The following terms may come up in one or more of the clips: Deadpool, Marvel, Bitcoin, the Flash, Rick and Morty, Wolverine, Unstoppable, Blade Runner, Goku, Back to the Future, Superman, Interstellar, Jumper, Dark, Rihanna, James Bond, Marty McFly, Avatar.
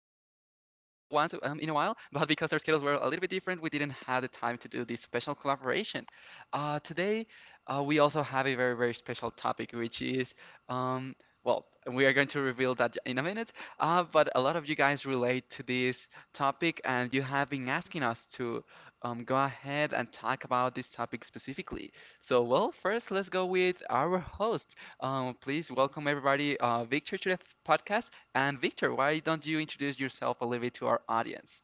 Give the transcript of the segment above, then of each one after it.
once in a while, but because our schedules were a little bit different, we didn't have the time to do this special collaboration. Today we also have a very, very special topic, which is um, well, we are going to reveal that in a minute, but a lot of you guys relate to this topic and you have been asking us to go ahead and talk about this topic specifically. So, well, first, let's go with our host. Please welcome everybody, Victor, to the podcast. And Victor, why don't you introduce yourself a little bit to our audience?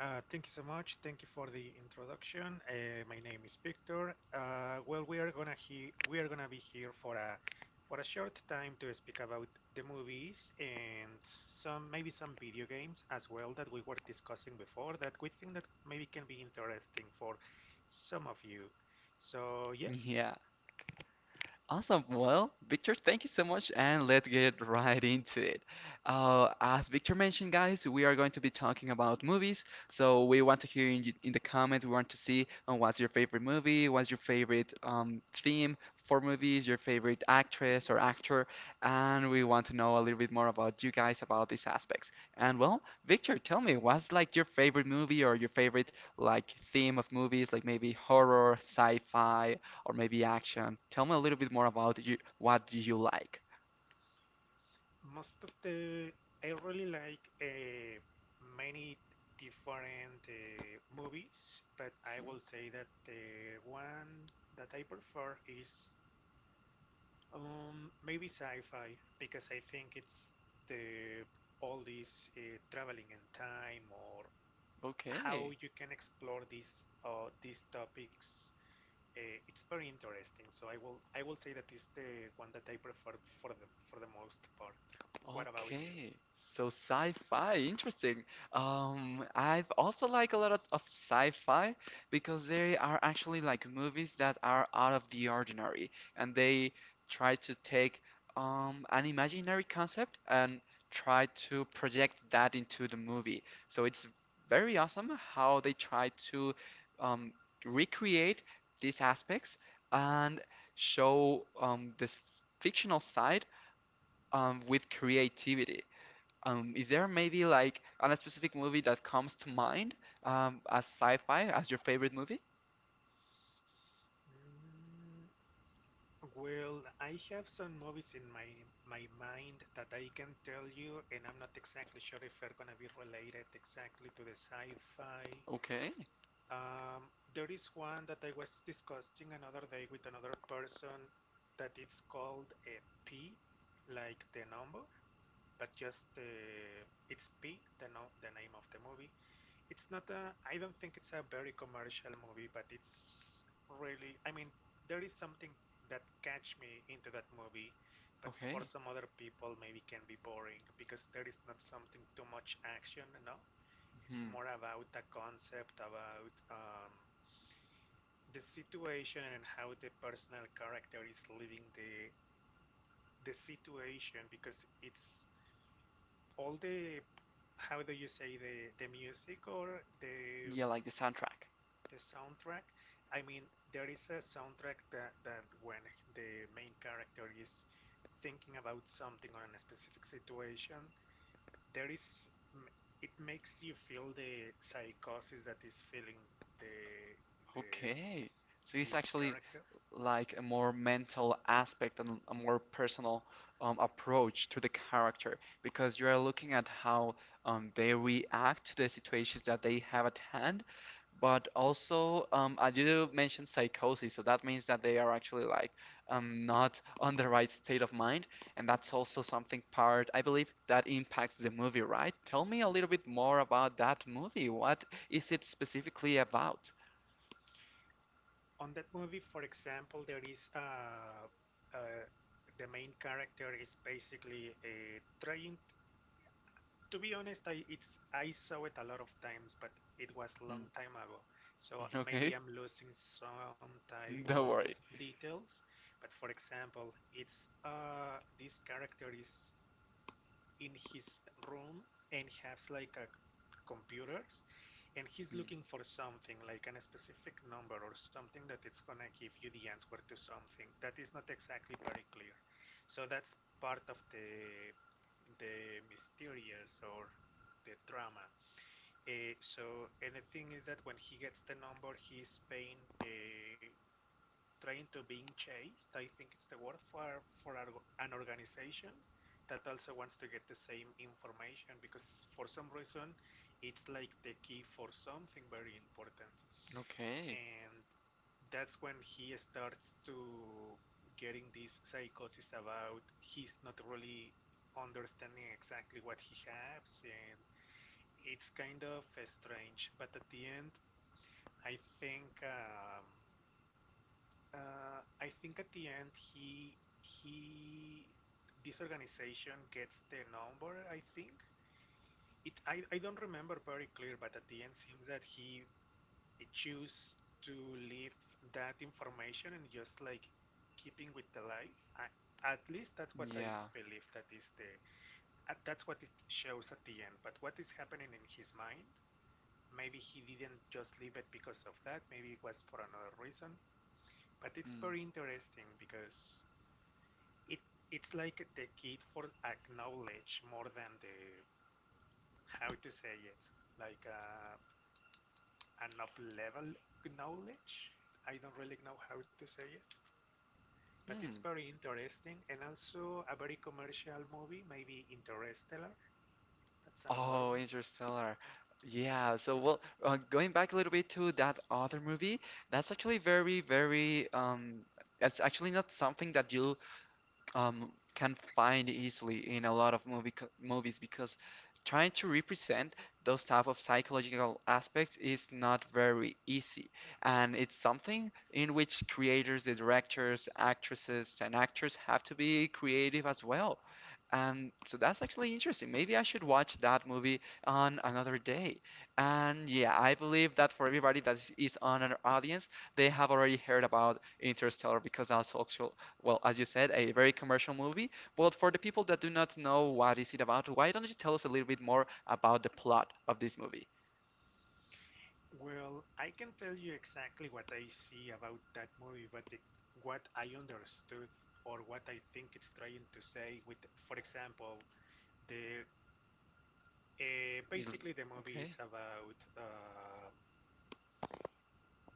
Thank you so much. Thank you for the introduction. My name is Victor. Well, we are gonna be here for a short time to speak about the movies and some video games as well that we were discussing before that we think that maybe can be interesting for some of you. So yes. Yeah. Awesome. Well, Victor, thank you so much, and let's get right into it. As Victor mentioned, guys, we are going to be talking about movies. So we want to hear in the comments. We want to see what's your favorite movie, what's your favorite theme for movies, your favorite actress or actor, and we want to know a little bit more about you guys about these aspects. And well, Victor, tell me, what's like your favorite movie or your favorite like theme of movies, like maybe horror, sci-fi, or maybe action. Tell me a little bit more about you, what do you like? Most of the I really like many different movies, but I Mhm. will say that the one that I prefer is maybe sci-fi because I think it's the all this traveling in time or how Okay. you can explore these topics. It's very interesting, so I will say that is the one that I prefer for the most part. What about you? Okay, so sci-fi, interesting. I've also like a lot of sci-fi because they are actually like movies that are out of the ordinary and they try to take an imaginary concept and try to project that into the movie. So it's very awesome how they try to um, recreate these aspects and show this fictional side with creativity. Is there maybe like a specific movie that comes to mind as sci-fi as your favorite movie? Mm, Well, I have some movies in my mind that I can tell you, and I'm not exactly sure if they're gonna be related exactly to the sci-fi. Okay, Um, there is one that I was discussing another day with another person that it's called a P, like the number, but just it's P, the no the name of the movie it's not a. I don't think it's a very commercial movie, but it's really. I mean, there is something that catch me into that movie, but for okay. some other people maybe can be boring because there is not something too much action. No, it's hmm more about a concept about the situation and how the personal character is living the situation because it's all the how do you say the music or the Yeah, like the soundtrack. the soundtrack. I mean, there is a soundtrack that when the main character is thinking about something or in a specific situation, there is it makes you feel the psychosis that is feeling the the Okay. So it's this actually character. like a more mental aspect and a more personal approach to the character because you are looking at how they react to the situations that they have at hand. But also, I did mention psychosis, so that means that they are actually like not on the right state of mind, and that's also something part, I believe, that impacts the movie, right? Tell me a little bit more about that movie. What is it specifically about? On that movie, for example, there is uh, the main character is basically trying to be honest, I saw it a lot of times, but it was a Hmm. long time ago. So Okay, maybe I'm losing some type don't of worry. details. But for example, it's this character is in his room and has like a computers and he's Mm. looking for something like an specific number or something that it's gonna give you the answer to something that is not exactly very clear. So that's part of the mysterious or the drama. So and the thing is that when he gets the number, he's paying trying to being chased. I think it's the word for an organization that also wants to get the same information because for some reason it's like the key for something very important, Okay, and that's when he starts to getting these psychosis about he's not really understanding exactly what he has and it's kind of strange. But at the end i think um, I think at the end he this organization gets the number. I think it. I don't remember very clear, but at the end seems that he choose to leave that information and just like keeping with the life. I, at least that's what I yeah. believe that is the that's what it shows at the end. But what is happening in his mind? Maybe he didn't just leave it because of that. Maybe it was for another reason. But it's Mm. very interesting because it it's like the key for acknowledge more than the how to say it like an up level knowledge. I don't really know how to say it, but it's Hmm. very interesting and also a very commercial movie. Maybe Interstellar. That's another Oh, one. Interstellar. Yeah, so well, going back a little bit to that other movie, that's actually very, very, um, that's actually not something that you um, can find easily in a lot of movies because trying to represent those type of psychological aspects is not very easy, and it's something in which creators, the directors, actresses and actors have to be creative as well. And so that's actually interesting. Maybe I should watch that movie on another day. And yeah, I believe that for everybody that is on our audience, they have already heard about Interstellar, because that's also, well, as you said, a very commercial movie. But for the people that do not know what is it about, why don't you tell us a little bit more about the plot of this movie? Well, I can tell you exactly what I see about that movie, but it, what I understood or what I think it's trying to say with, for example, the You'll- basically, the movie is Okay. about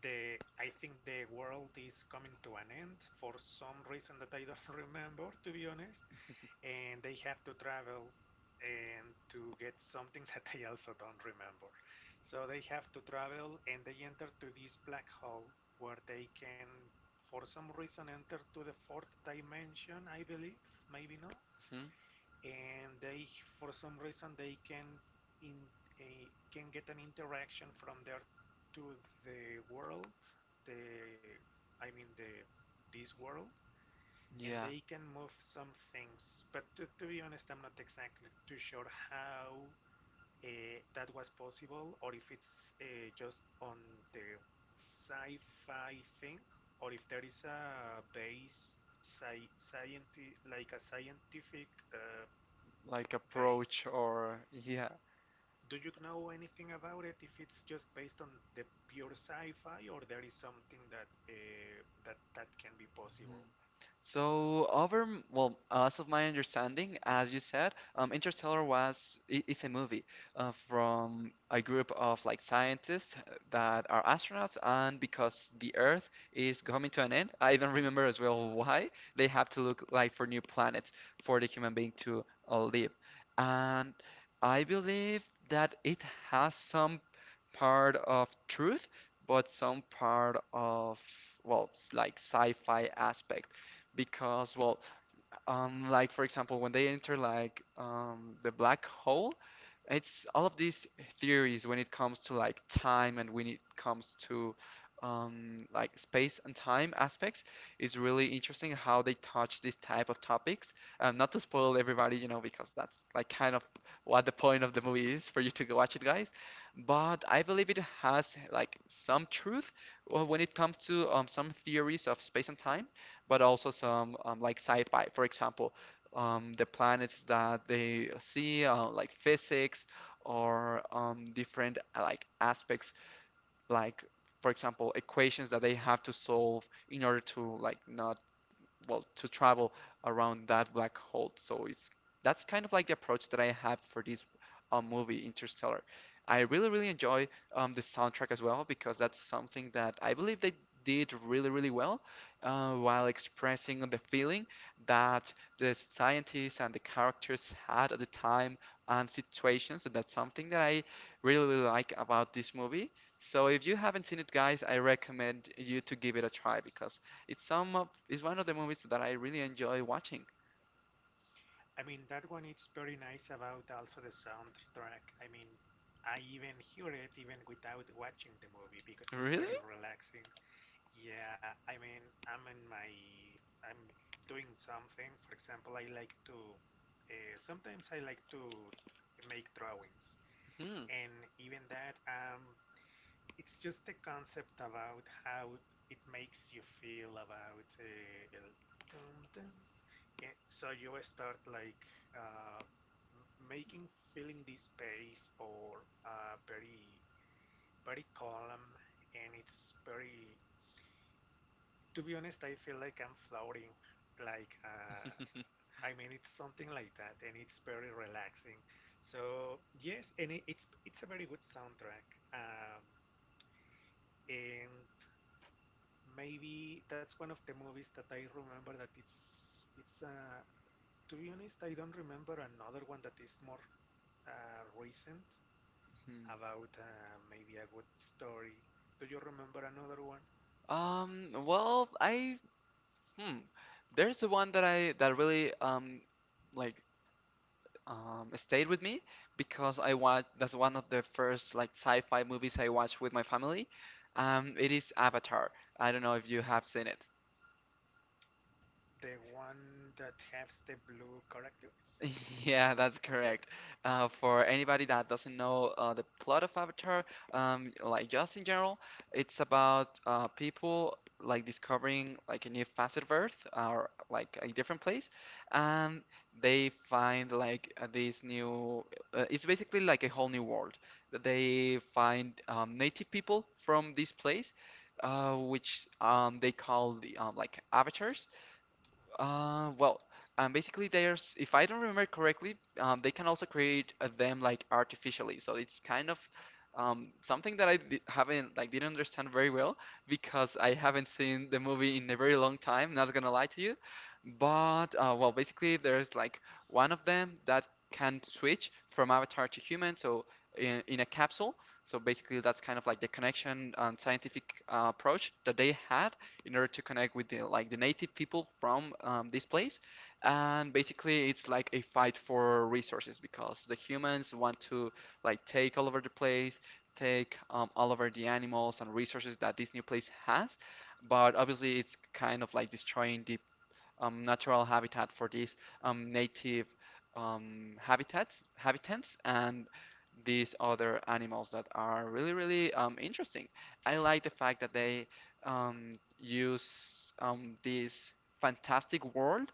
the. I think the world is coming to an end for some reason that I don't remember, to be honest. And they have to travel and to get something that I also don't remember. So they have to travel and they enter to this black hole where they can, for some reason, enter to the fourth dimension, I believe. Maybe not, hmm and they for some reason they can in can get an interaction from there to the world, the I mean, the this world, and Yeah, they can move some things but to be honest I'm not exactly too sure how that was possible or if it's just on the sci-fi thing or if there is a base scientific like a scientific like based. approach or yeah. Do you know anything about it? If it's just based on the pure sci-fi, or there is something that that can be possible? Mhm. So, well, as of my understanding, as you said, Interstellar is a movie from a group of like scientists that are astronauts, and because the Earth is coming to an end, I don't remember as well why they have to look like for new planets for the human being to live. And I believe that it has some part of truth, but some part of, well, like sci-fi aspect, because well, like for example, when they enter like the black hole, it's all of these theories when it comes to like time, and when it comes to like space and time aspects. It's really interesting how they touch these type of topics, not to spoil everybody, you know, because that's like kind of what the point of the movie is for you to go watch it, guys. But I believe it has like some truth when it comes to some theories of space and time, but also some like sci-fi. For example, the planets that they see, like physics, or different like aspects, like for example, equations that they have to solve in order to like not well, to travel around that black hole. So it's that's kind of like the approach that I have for this movie, Interstellar. I really really enjoy the soundtrack as well, because that's something that I believe they did really really well while expressing the feeling that the scientists and the characters had at the time and situations. And that's something that I really, really like about this movie. So if you haven't seen it, guys, I recommend you to give it a try, because it's one of the movies that I really enjoy watching. I mean, that one it's very nice about also the soundtrack. I mean, I even hear it even without watching the movie because it's Really? very relaxing. Yeah, I mean, I'm in my, I'm doing something. For example, sometimes I like to make drawings, Hmm. and even that, I'm. It's just a concept about how it makes you feel about el dum dum. Yeah, so you start like uh, making feeling this space or very very calm, and it's very, to be honest I feel like I'm floating like I mean it's something like that, and it's very relaxing. So yes, and it's a very good soundtrack, um, and maybe that's one of the movies that I remember that it's to be honest, I don't remember another one that is more recent about maybe a good story. Do you remember another one? Well, I hmm. There's the one that I that really like stayed with me because I watched that's one of the first like sci-fi movies I watched with my family. It is Avatar. I don't know if you have seen it. The one that has the blue characters? Yeah, that's Okay, correct. For anybody that doesn't know the plot of Avatar, like just in general, it's about people like discovering like a new facet of Earth or like a different place, and they find like this new. It's basically like a whole new world. They find native people from this place, which they call the like avatars. uh, well, Basically, there's, if I don't remember correctly, they can also create them like artificially. So it's kind of something that I di haven't didn't understand very well because I haven't seen the movie in a very long time. Not gonna lie to you, but well, basically, there's like one of them that can switch from avatar to human. So in a capsule. So basically, that's kind of like the connection and scientific approach that they had in order to connect with the like the native people from this place. And basically, it's like a fight for resources because the humans want to like take all over the place, take all over the animals and resources that this new place has. But obviously, it's kind of like destroying the natural habitat for these native habitants, and these other animals that are really, really interesting. I like the fact that they use this fantastic world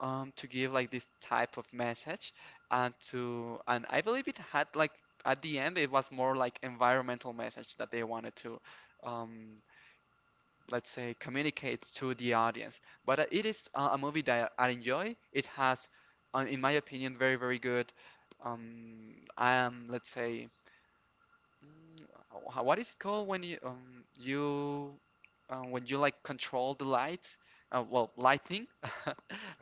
to give like this type of message, and to and I believe it had like at the end, it was more like environmental message that they wanted to um, let's say communicate to the audience. But it is a movie that I enjoy. It has, in my opinion, very very good, let's say Mm, wha- what is it called when you you when you like control the lights? Well, lighting.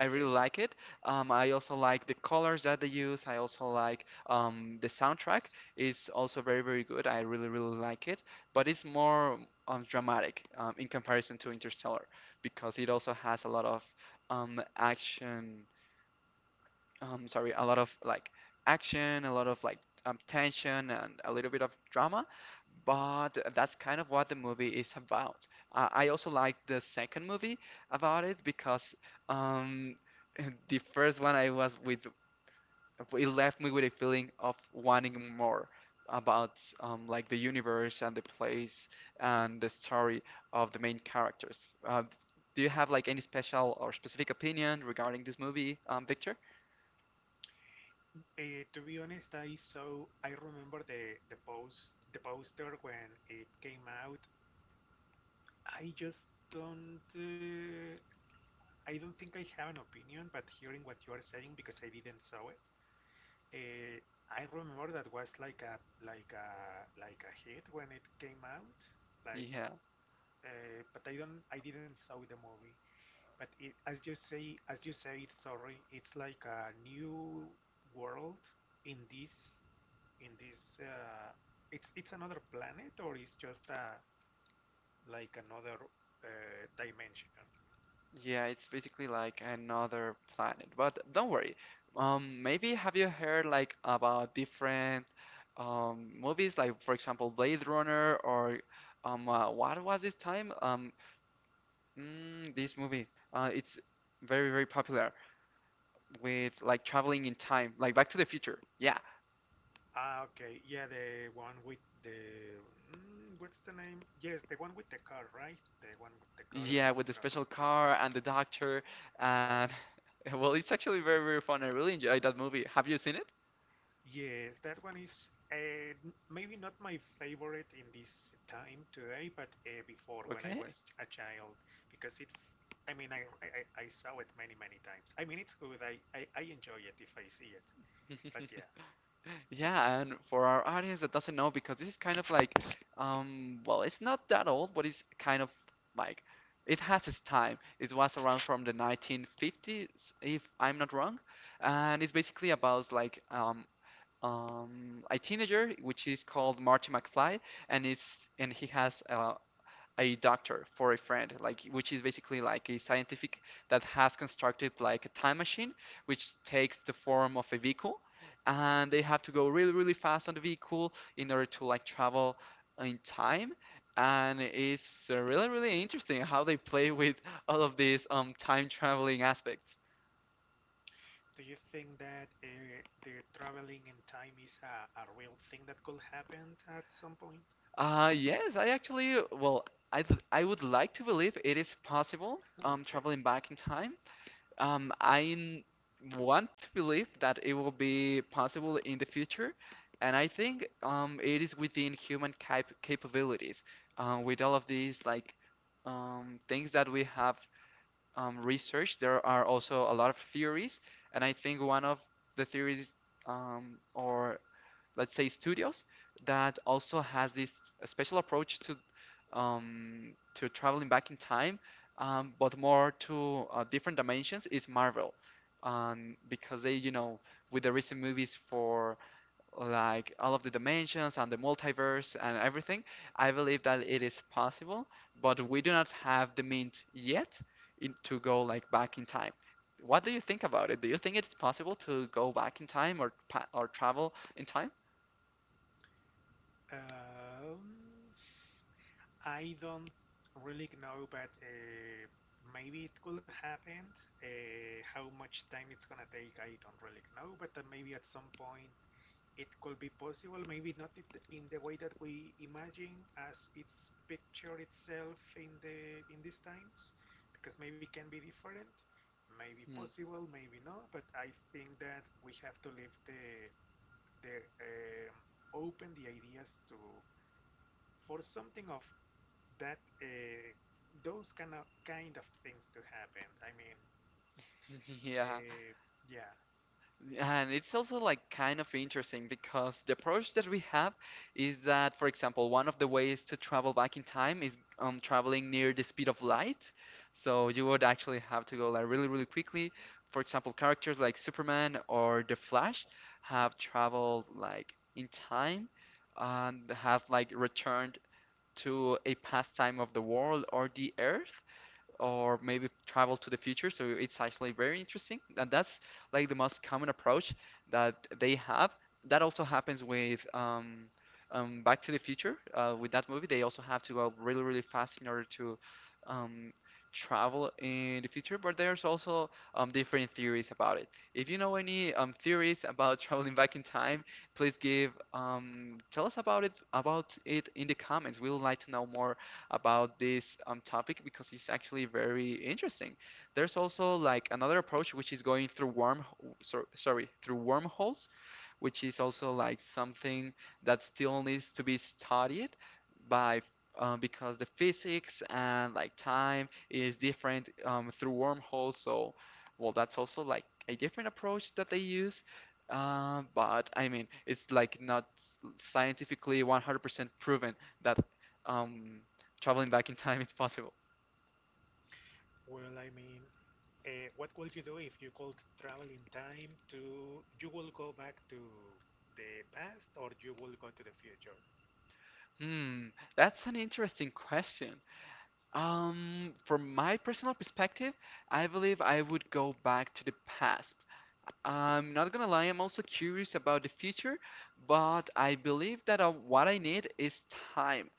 I really like it. I also like the colors that they use. I also like the soundtrack. It's also very very good. I really really like it. But it's more dramatic in comparison to Interstellar, because it also has a lot of action sorry a lot of like action, a lot of like tension and a little bit of drama, but that's kind of what the movie is about. I also liked the second movie about it, because um the first one, I was with it left me with a feeling of wanting more about like the universe and the place and the story of the main characters. Do you have like any special or specific opinion regarding this movie, Victor? To be honest, I remember the poster when it came out. I just don't uh, I don't think I have an opinion, but hearing what you are saying because I didn't saw it, uh, I remember that was like a hit when it came out. Like, Yeah. But I didn't saw the movie. But it, as you say, sorry, it's like a new world in this. It's another planet or it's just a like another dimension. Yeah, it's basically like another planet. But don't worry. Maybe have you heard like about different movies, like for example Blade Runner or what was this time? This movie. It's very very popular with like traveling in time, like Back to the Future. Yeah, Ah, okay. Yeah, the one with what's the name? Yes, the one with the car, right? The one with the car that yeah, with the travel, special car and the doctor right. and well, it's actually very very fun. I really enjoyed that movie. Have you seen it? Yes, that one is maybe not my favorite in this time today, but before when I Okay. was a child, because it's. I mean, I saw it many many times. I mean, it's good. I enjoy it if I see it. But yeah, Yeah, and for our audience that doesn't know, because this is kind of like, well, it's not that old, but it's kind of like it has its time. It was around from the 1950s, if I'm not wrong, and it's basically about a teenager, which is called Marty McFly, and it's and he has a doctor for a friend, like, which is basically like a scientific that has constructed like a time machine, which takes the form of a vehicle, and they have to go really, really fast on the vehicle in order to like travel in time. And it's really, really interesting how they play with all of these time traveling aspects. do you think that the traveling in time is a real thing that could happen at some point? Yes, I actually, well, I would like to believe it is possible, Okay. traveling back in time. I want to believe that it will be possible in the future, and I think it is within human capabilities. With all of these things that we have researched, there are also a lot of theories, and I think one of the theories or let's say studios that also has this special approach to traveling back in time, but more to different dimensions is Marvel, because they with the recent movies for like all of the dimensions and the multiverse and everything, I believe that it is possible, but we do not have the means yet to go like back in time. What do you think about it? Do you think it's possible to go back in time or pa or travel in time? Um, I don't really know, but maybe it could happen. How much time it's gonna take, I don't really know, but maybe at some point it could be possible. Maybe not it in the way that we imagine as its picture itself in these times, because maybe can be different, maybe Hmm. possible, maybe not. But I think that we have to leave the the um open the ideas to for something of that those kind of things to happen. I mean, Yeah, uh, yeah. and it's also like kind of interesting because the approach that we have is that, for example, one of the ways to travel back in time is traveling near the speed of light. So you would actually have to go like really, really quickly. For example, characters like Superman or the Flash have traveled like in time and have like returned to a past time of the world or the Earth, or maybe travel to the future. So it's actually very interesting. And that's like the most common approach that they have. That also happens with Back to the Future. With that movie, they also have to go really, really fast in order to um, travel in the future. But there's also different theories about it. If you know any theories about traveling back in time, please give tell us about it in the comments. We would like to know more about this topic because it's actually very interesting. There's also like another approach which is going through through wormholes, which is also like something that still needs to be studied by because the physics and like time is different through wormholes. So, well, that's also like a different approach that they use. But I mean, it's like not scientifically 100% proven that um, traveling back in time is possible. Well, I mean, what would you do if you could travel in time to? You will go back to the past, or you will go to the future? Hmm, that's an interesting question. From my personal perspective, I believe I would go back to the past. I'm not gonna lie, I'm also curious about the future, but I believe that what I need is time.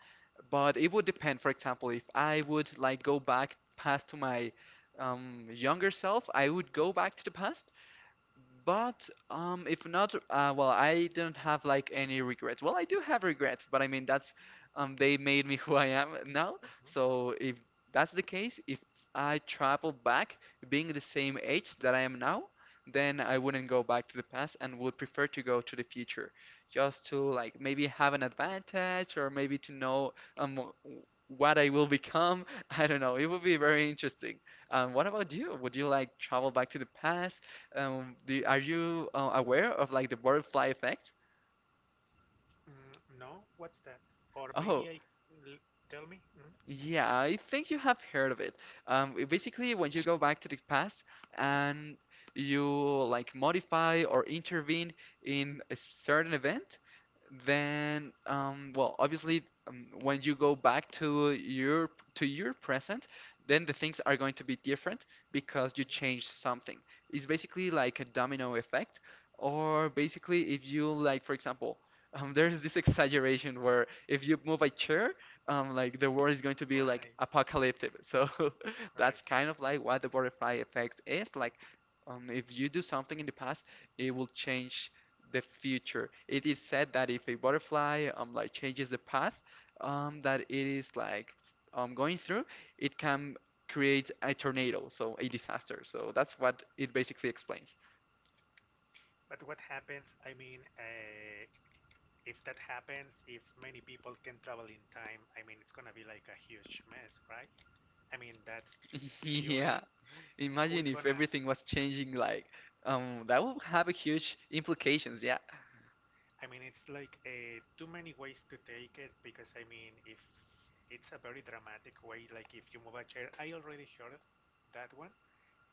But it would depend, for example, if I would like go back past to my younger self, I would go back to the past. But if not, well, I don't have like any regrets. Well, I do have regrets, but I mean that's they made me who I am now. Hmm. So if that's the case, if I travel back being the same age that I am now, then I wouldn't go back to the past and would prefer to go to the future, just to like maybe have an advantage or maybe to know um w- what I will become. I don't know. It would be very interesting. What about you? Would you like travel back to the past? Are you aware of like the butterfly effect? No, what's that? Or Oh, maybe l- tell me. Mm? yeah, I think you have heard of it. It basically, when you go back to the past and you like modify or intervene in a certain event, then well, obviously, when you go back to your present, then the things are going to be different because you Mhm. changed something. It's basically like a domino effect, or basically if you like, for example, there's this exaggeration where if you move a chair like the world is going to be like Right, apocalyptic. So right. that's kind of like what the butterfly effect is. Like, if you do something in the past, it will change the future. It is said that if a butterfly like changes the path that it is like going through, it can create a tornado, so a disaster. So that's what it basically explains. But what happens? I mean, if that happens, if many people can travel in time, I mean, it's gonna be like a huge mess, right? I mean, that theory, Yeah. who is Imagine if gonna? everything was changing like that would have a huge implications, yeah. I mean, it's like too many ways to take it because I mean, if it's a very dramatic way, like if you move a chair, I already heard that one.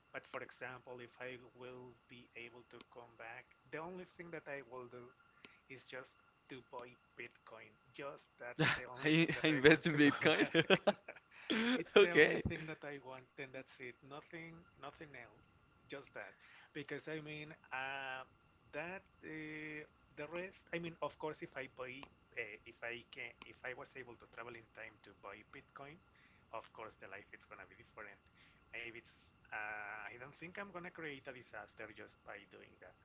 But for example, if I will be able to come back, the only thing that I will do is just to buy Bitcoin. Just that's the only I, thing I that I invest want in to go Bitcoin. back. It's the only Okay. thing that I want, and that's it. Nothing, nothing else. Just that. Because I mean, that the rest. I mean, of course, if I can, if I was able to travel in time to buy Bitcoin, of course, the life it's gonna be different. Maybe it's. I don't think I'm gonna create a disaster just by doing that.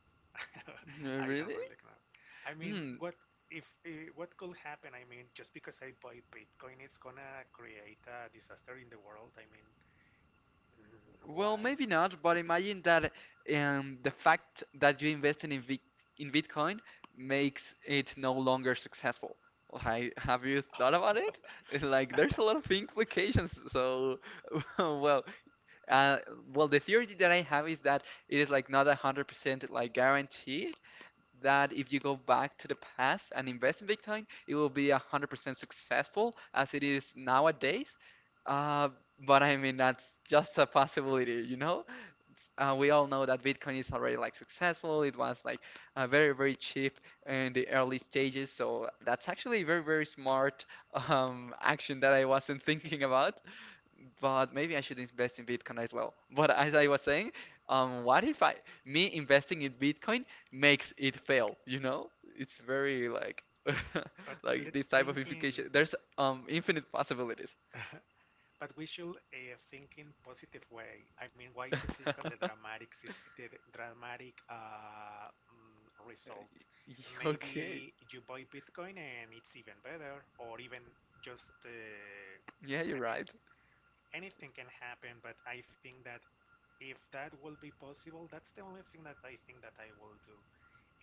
I really? don't really know. I mean, Hmm. what if eh, what could happen, I mean, just because I buy Bitcoin, it's gonna create a disaster in the world. I mean, Well, why? maybe not, but imagine that the fact that you invested in Vic in Bitcoin makes it no longer successful. Like, have you thought about it? Like, there's a lot of implications. So, well, uh, well, the theory that I have is that it is like not 100% like guaranteed that if you go back to the past and invest in Bitcoin, it will be 100% successful as it is nowadays. Uh, but I mean, that's just a possibility, you know? We all know that Bitcoin is already like successful. It was like very, very cheap in the early stages. So that's actually a very, very smart action that I wasn't thinking about, but maybe I should invest in Bitcoin as well. But as I was saying, what if I me investing in Bitcoin makes it fail? You know, it's very like But like let's this type of think in, implication. There's infinite possibilities. but we should think in positive way. I mean, why to think on the dramatic, the dramatic result? Okay, Maybe you buy Bitcoin and it's even better, or even just, yeah, you're I mean, right. anything can happen. But I think that if that will be possible, that's the only thing that I think that I will do.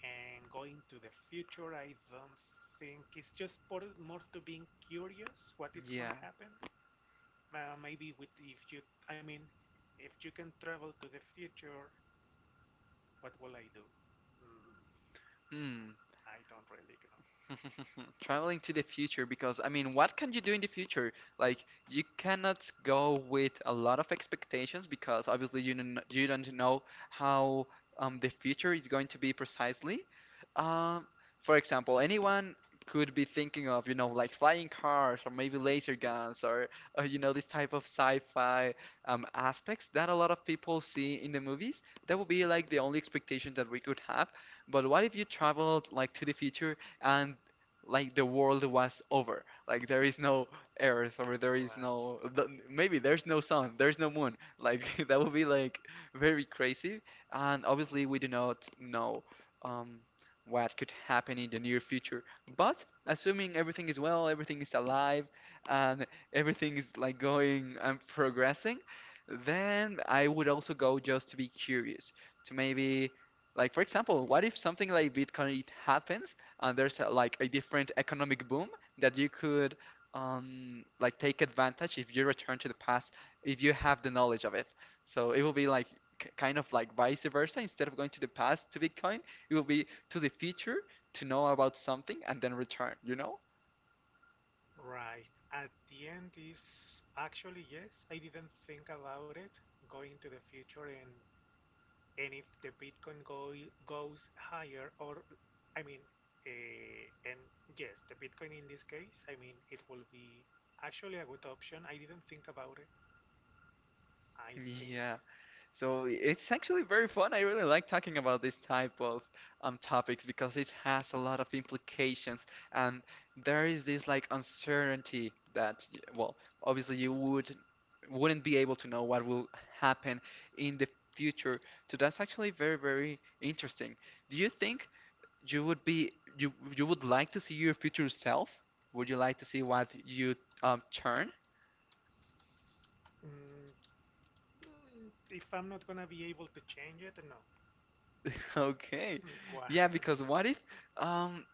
And going to the future, I don't think it's just more, to being curious what it's gonna Yeah. happen. Maybe with if you, I mean, if you can travel to the future, what will I do? Mm, Hmm. I don't really Traveling to the future, because I mean, what can you do in the future? Like you cannot go with a lot of expectations because obviously you don't know how the future is going to be precisely. Um, for example, anyone could be thinking of, you know, like flying cars or maybe laser guns, or uh, you know, this type of sci-fi aspects that a lot of people see in the movies. That would be know. Mhm. like the only expectation that we could have. But what if you traveled like to the future and like the world was over? Like there is no earth or there is Right. no th- maybe there's no sun, there's no moon. Like that would be like very crazy. And obviously we do not know um what could happen in the near future. But assuming everything is well, everything is alive and everything is like going and progressing, then I would also go just to be curious to maybe like, for example, what if something like Bitcoin happens and there's a, like a different economic boom that you could like take advantage if you return to the past if you have the knowledge of it. So it will be like k kind of like vice versa. Instead of going to the past to Bitcoin, it will be to the future to know about something and then return, you know? Right, at the end is actually yes, I didn't think about it, going to the future and if the Bitcoin go goes higher or I mean and yes, the Bitcoin in this case, I mean it will be actually a good option. I didn't think about it. I think Yeah. So it's actually very fun. I really like talking about this type of topics because it has a lot of implications, and there is this like uncertainty that, well, obviously you would wouldn't be able to know what will happen in the future. So that's actually very, very interesting. Do you think you would be you would like to see your future self? Would you like to see what you turn? mm, if I'm not gonna be able to change it, no. Okay. Why? Yeah, I mean, because what if? Um,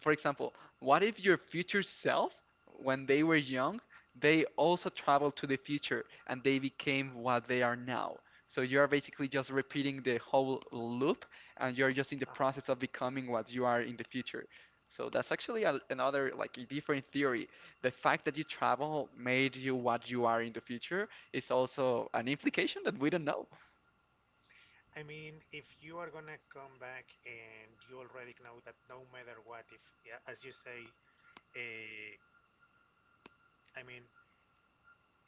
for example, what if your future self, when they were young, they also traveled to the future and they became what they are now? So you are basically just repeating the whole loop and you're just in the uh-huh. process of becoming what you are in the future. So that's actually a, another, like a different theory. The fact that you travel made you what you are in the future is also an implication that we don't know. I mean, if you are gonna come back and you already know that no matter what, if yeah, as you say, eh, I mean,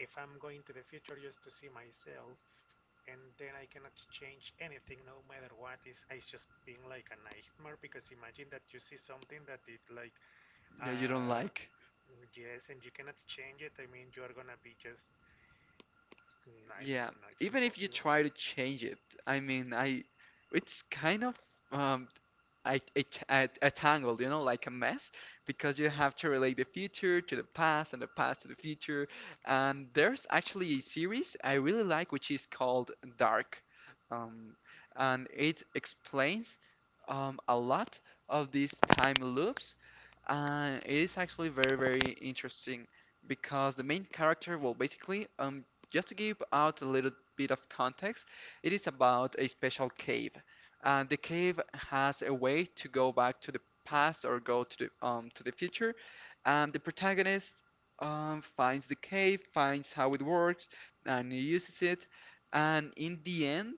if I'm going to the future just to see myself, and then I cannot change anything no matter what is, it's just being like a nightmare because imagine that you see something that it like, Yeah, you don't uh, like. yes, and you cannot change it. I mean, you are gonna be just, I mean, Yeah, no, it's even if you impossible. try to change it, I mean, I, it's kind of um, a, a tangle, you know, like a mess, because you have to relate the future to the past and the past to the future. And there's actually a series I really like, which is called Dark, um, and it explains a lot of these time loops, and it is actually very, very interesting because the main character, well, basically, just to give out a little bit of context, it is about a special cave, and the cave has a way to go back to the past or go to the future. And the protagonist finds the cave, finds how it works, and he uses it. And in the end,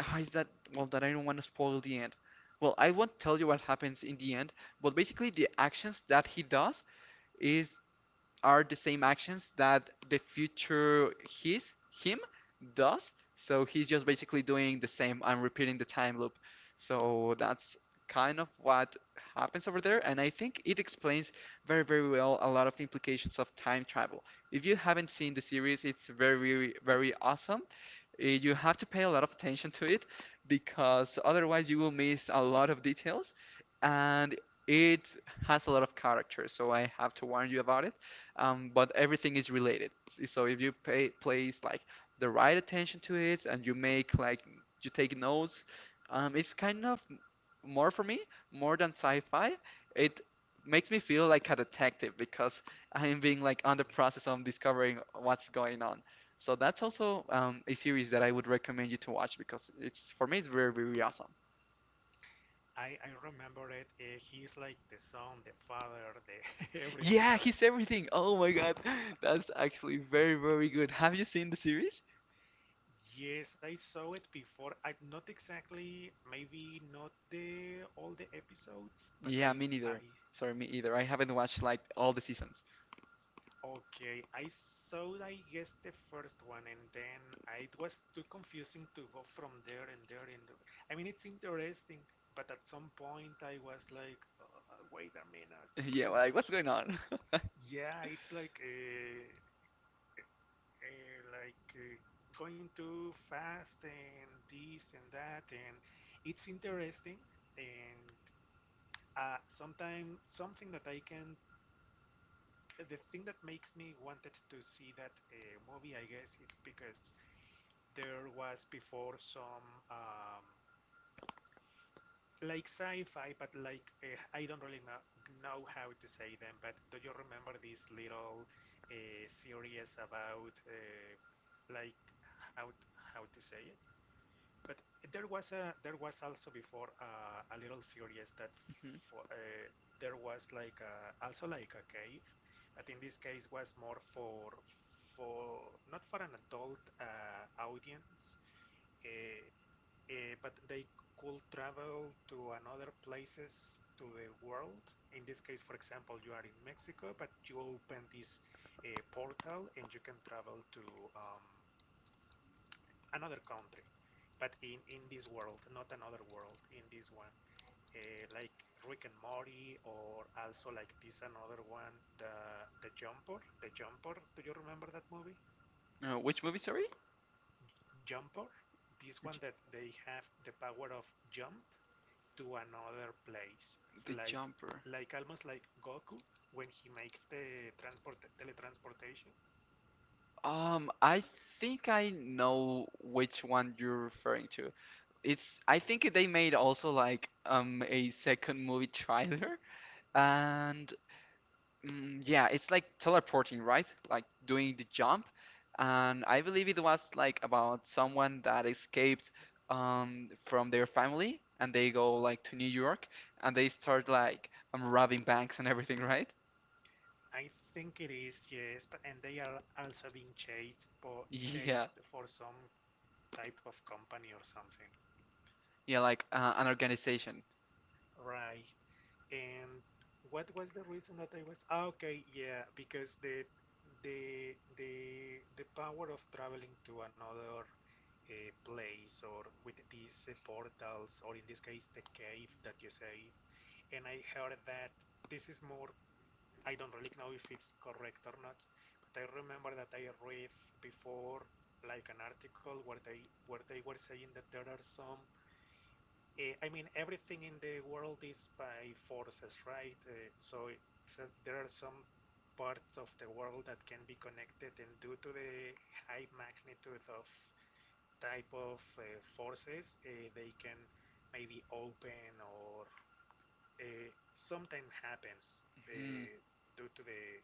ah, is that well that I don't want to spoil the end. Well, I won't tell you what happens in the end, but basically the actions that he does is are the same actions that the future his him does. So he's just basically doing the same, I'm repeating the time loop. So that's kind of what happens over there, and I think it explains very, very well a lot of implications of time travel. If you haven't seen the series, it's very, very awesome. You have to pay a lot of attention to it, because otherwise you will miss a lot of details, and it has a lot of character, so I have to warn you about it. But everything is related. So if you pay place like the right attention to it and you make like you take notes, it's kind of, more for me, more than sci-fi, it makes me feel like a detective, because I'm being like on the Hmm. process of discovering what's going on. So that's also, a series that I would recommend you to watch, because it's, for me, it's very, very awesome. I remember it. He's like the son, the father, the everything, Yeah, right? he's everything. Oh my God, that's actually very, very good. Have you seen the series? Yes, I saw it before. I not exactly, maybe not the all the episodes, but Yeah, I me neither. I Sorry, me either. I haven't watched like all the seasons. okay, I saw I guess the first one, and then I, it was too confusing to go from there and there and there. I mean, it's interesting, but at some point I was like, wait a minute, it's Yeah, too like what's much. going on? Yeah, it's like uh, like uh, going too fast and this and that, and it's interesting, and sometimes something that I can the thing that makes me wanted to see that movie I guess is because there was before some um, like sci-fi but like I don't really know how to say them, but do you remember this little series about like how how to say it. But there was also before a little series that Mhm. for, there was like a, also like a cave, but in this case was more for for not for an adult audience, uh, uh, but they could travel to another places to the world. In this case, for example, you are in Mexico, but you open this portal and you can travel to um, another country, but in this world, not another world, in this one. Like Rick and Morty, or also like this another one, the Jumper, the Jumper. Do you remember that movie, Which movie? Sorry, Jumper? This one J- that they have the power of jump to another place, The like Jumper. like almost like Goku when he makes the transport teletransportation. I think I know which one you're referring to. It's, I think they made also like a second movie trailer, and mm, yeah, it's like teleporting, right? Like doing the jump. And I believe it was like about someone that escaped from their family, and they go like to New York and they start like robbing banks and everything, right? I think it is, yes, but and they are also being chased for Yeah. chased for some type of company or something. Yeah, like an organization. Right. And what was the reason that I was? Ah, okay, yeah, because the power of traveling to another place or with these portals or in this case the cave that you say. And I heard that this is more. I don't really know if it's correct or not, but I remember that I read before like an article where they were saying that there are some uh, I mean, everything in the world is by forces, right? So there are some parts of the world that can be connected, and due to the high magnitude of type of forces, they can maybe open or something happens Mhm. Due to the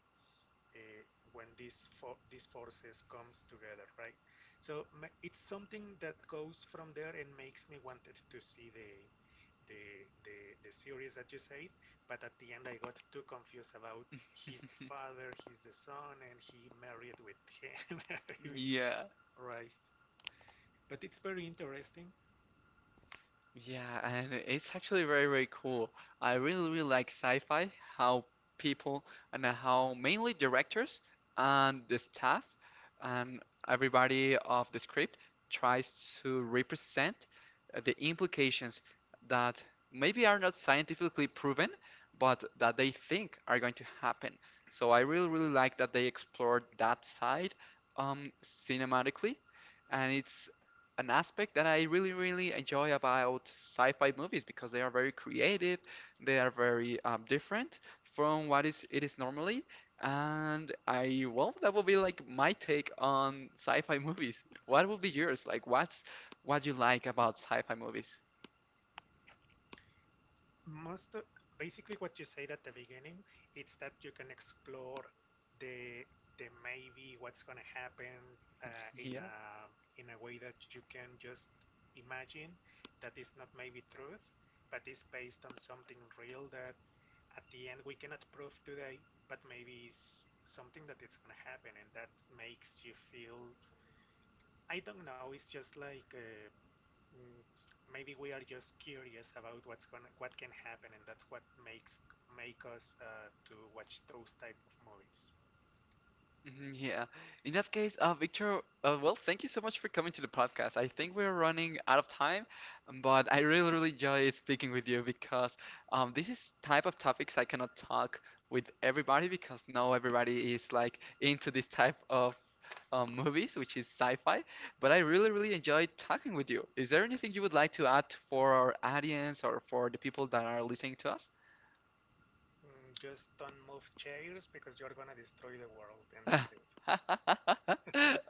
uh, when these forces comes together, right? So it's something that goes from there and makes me wanted to see the the the series that you said, but at the end I got too confused about he's the father, he's the son, and he married with him. I mean, Yeah, right. But it's very interesting. yeah, and it's actually very, very cool. I really, really like sci-fi, how people, and how mainly directors and the staff and everybody of the script tries to represent the implications that maybe are not scientifically proven, but that they think are going to happen. So I really, really like that they explored that side um, cinematically, and it's an aspect that I really, really enjoy about sci-fi movies, because they are very creative, they are very different from what is normally, and I, well, that will be like my take on sci-fi movies. What will be yours? Like, what's what you like about sci-fi movies? Most of- basically what you said at the beginning, it's that you can explore the the maybe what's going to happen uh, in Yeah. a in a way that you can just imagine, that is not maybe truth but is based on something real that at the end we cannot prove today, but maybe is something that it's going to happen, and that makes you feel, I don't know, it's just like mm, maybe we are just curious about what's gonna what can happen, and that's what makes make us to watch those type of movies. Mhm, yeah. In that case, Victor, well, thank you so much for coming to the podcast. I think we're running out of time, but I really, really enjoy speaking with you, because this is type of topics I cannot talk with everybody, because not everybody is like into this type of movies, which is sci-fi. But I really, really enjoyed talking with you. Is there anything you would like to add for our audience or for the people that are listening to us? Mm, just don't move chairs because you're gonna destroy the world, and that's it.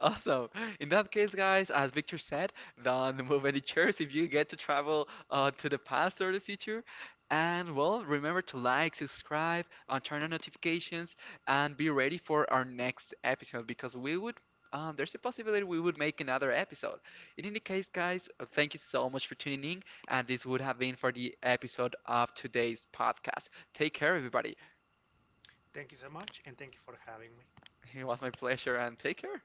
Awesome. In that case, guys, as Victor said, don't move any chairs if you get to travel to the past or the future. And well, remember to like, subscribe, and turn on notifications, and be ready for our next episode, because we would. There's a possibility we would make another episode. In any case, guys, thank you so much for tuning in, and this would have been for the episode of today's podcast. Take care, everybody. Thank you so much, and thank you for having me. It was my pleasure, and take care.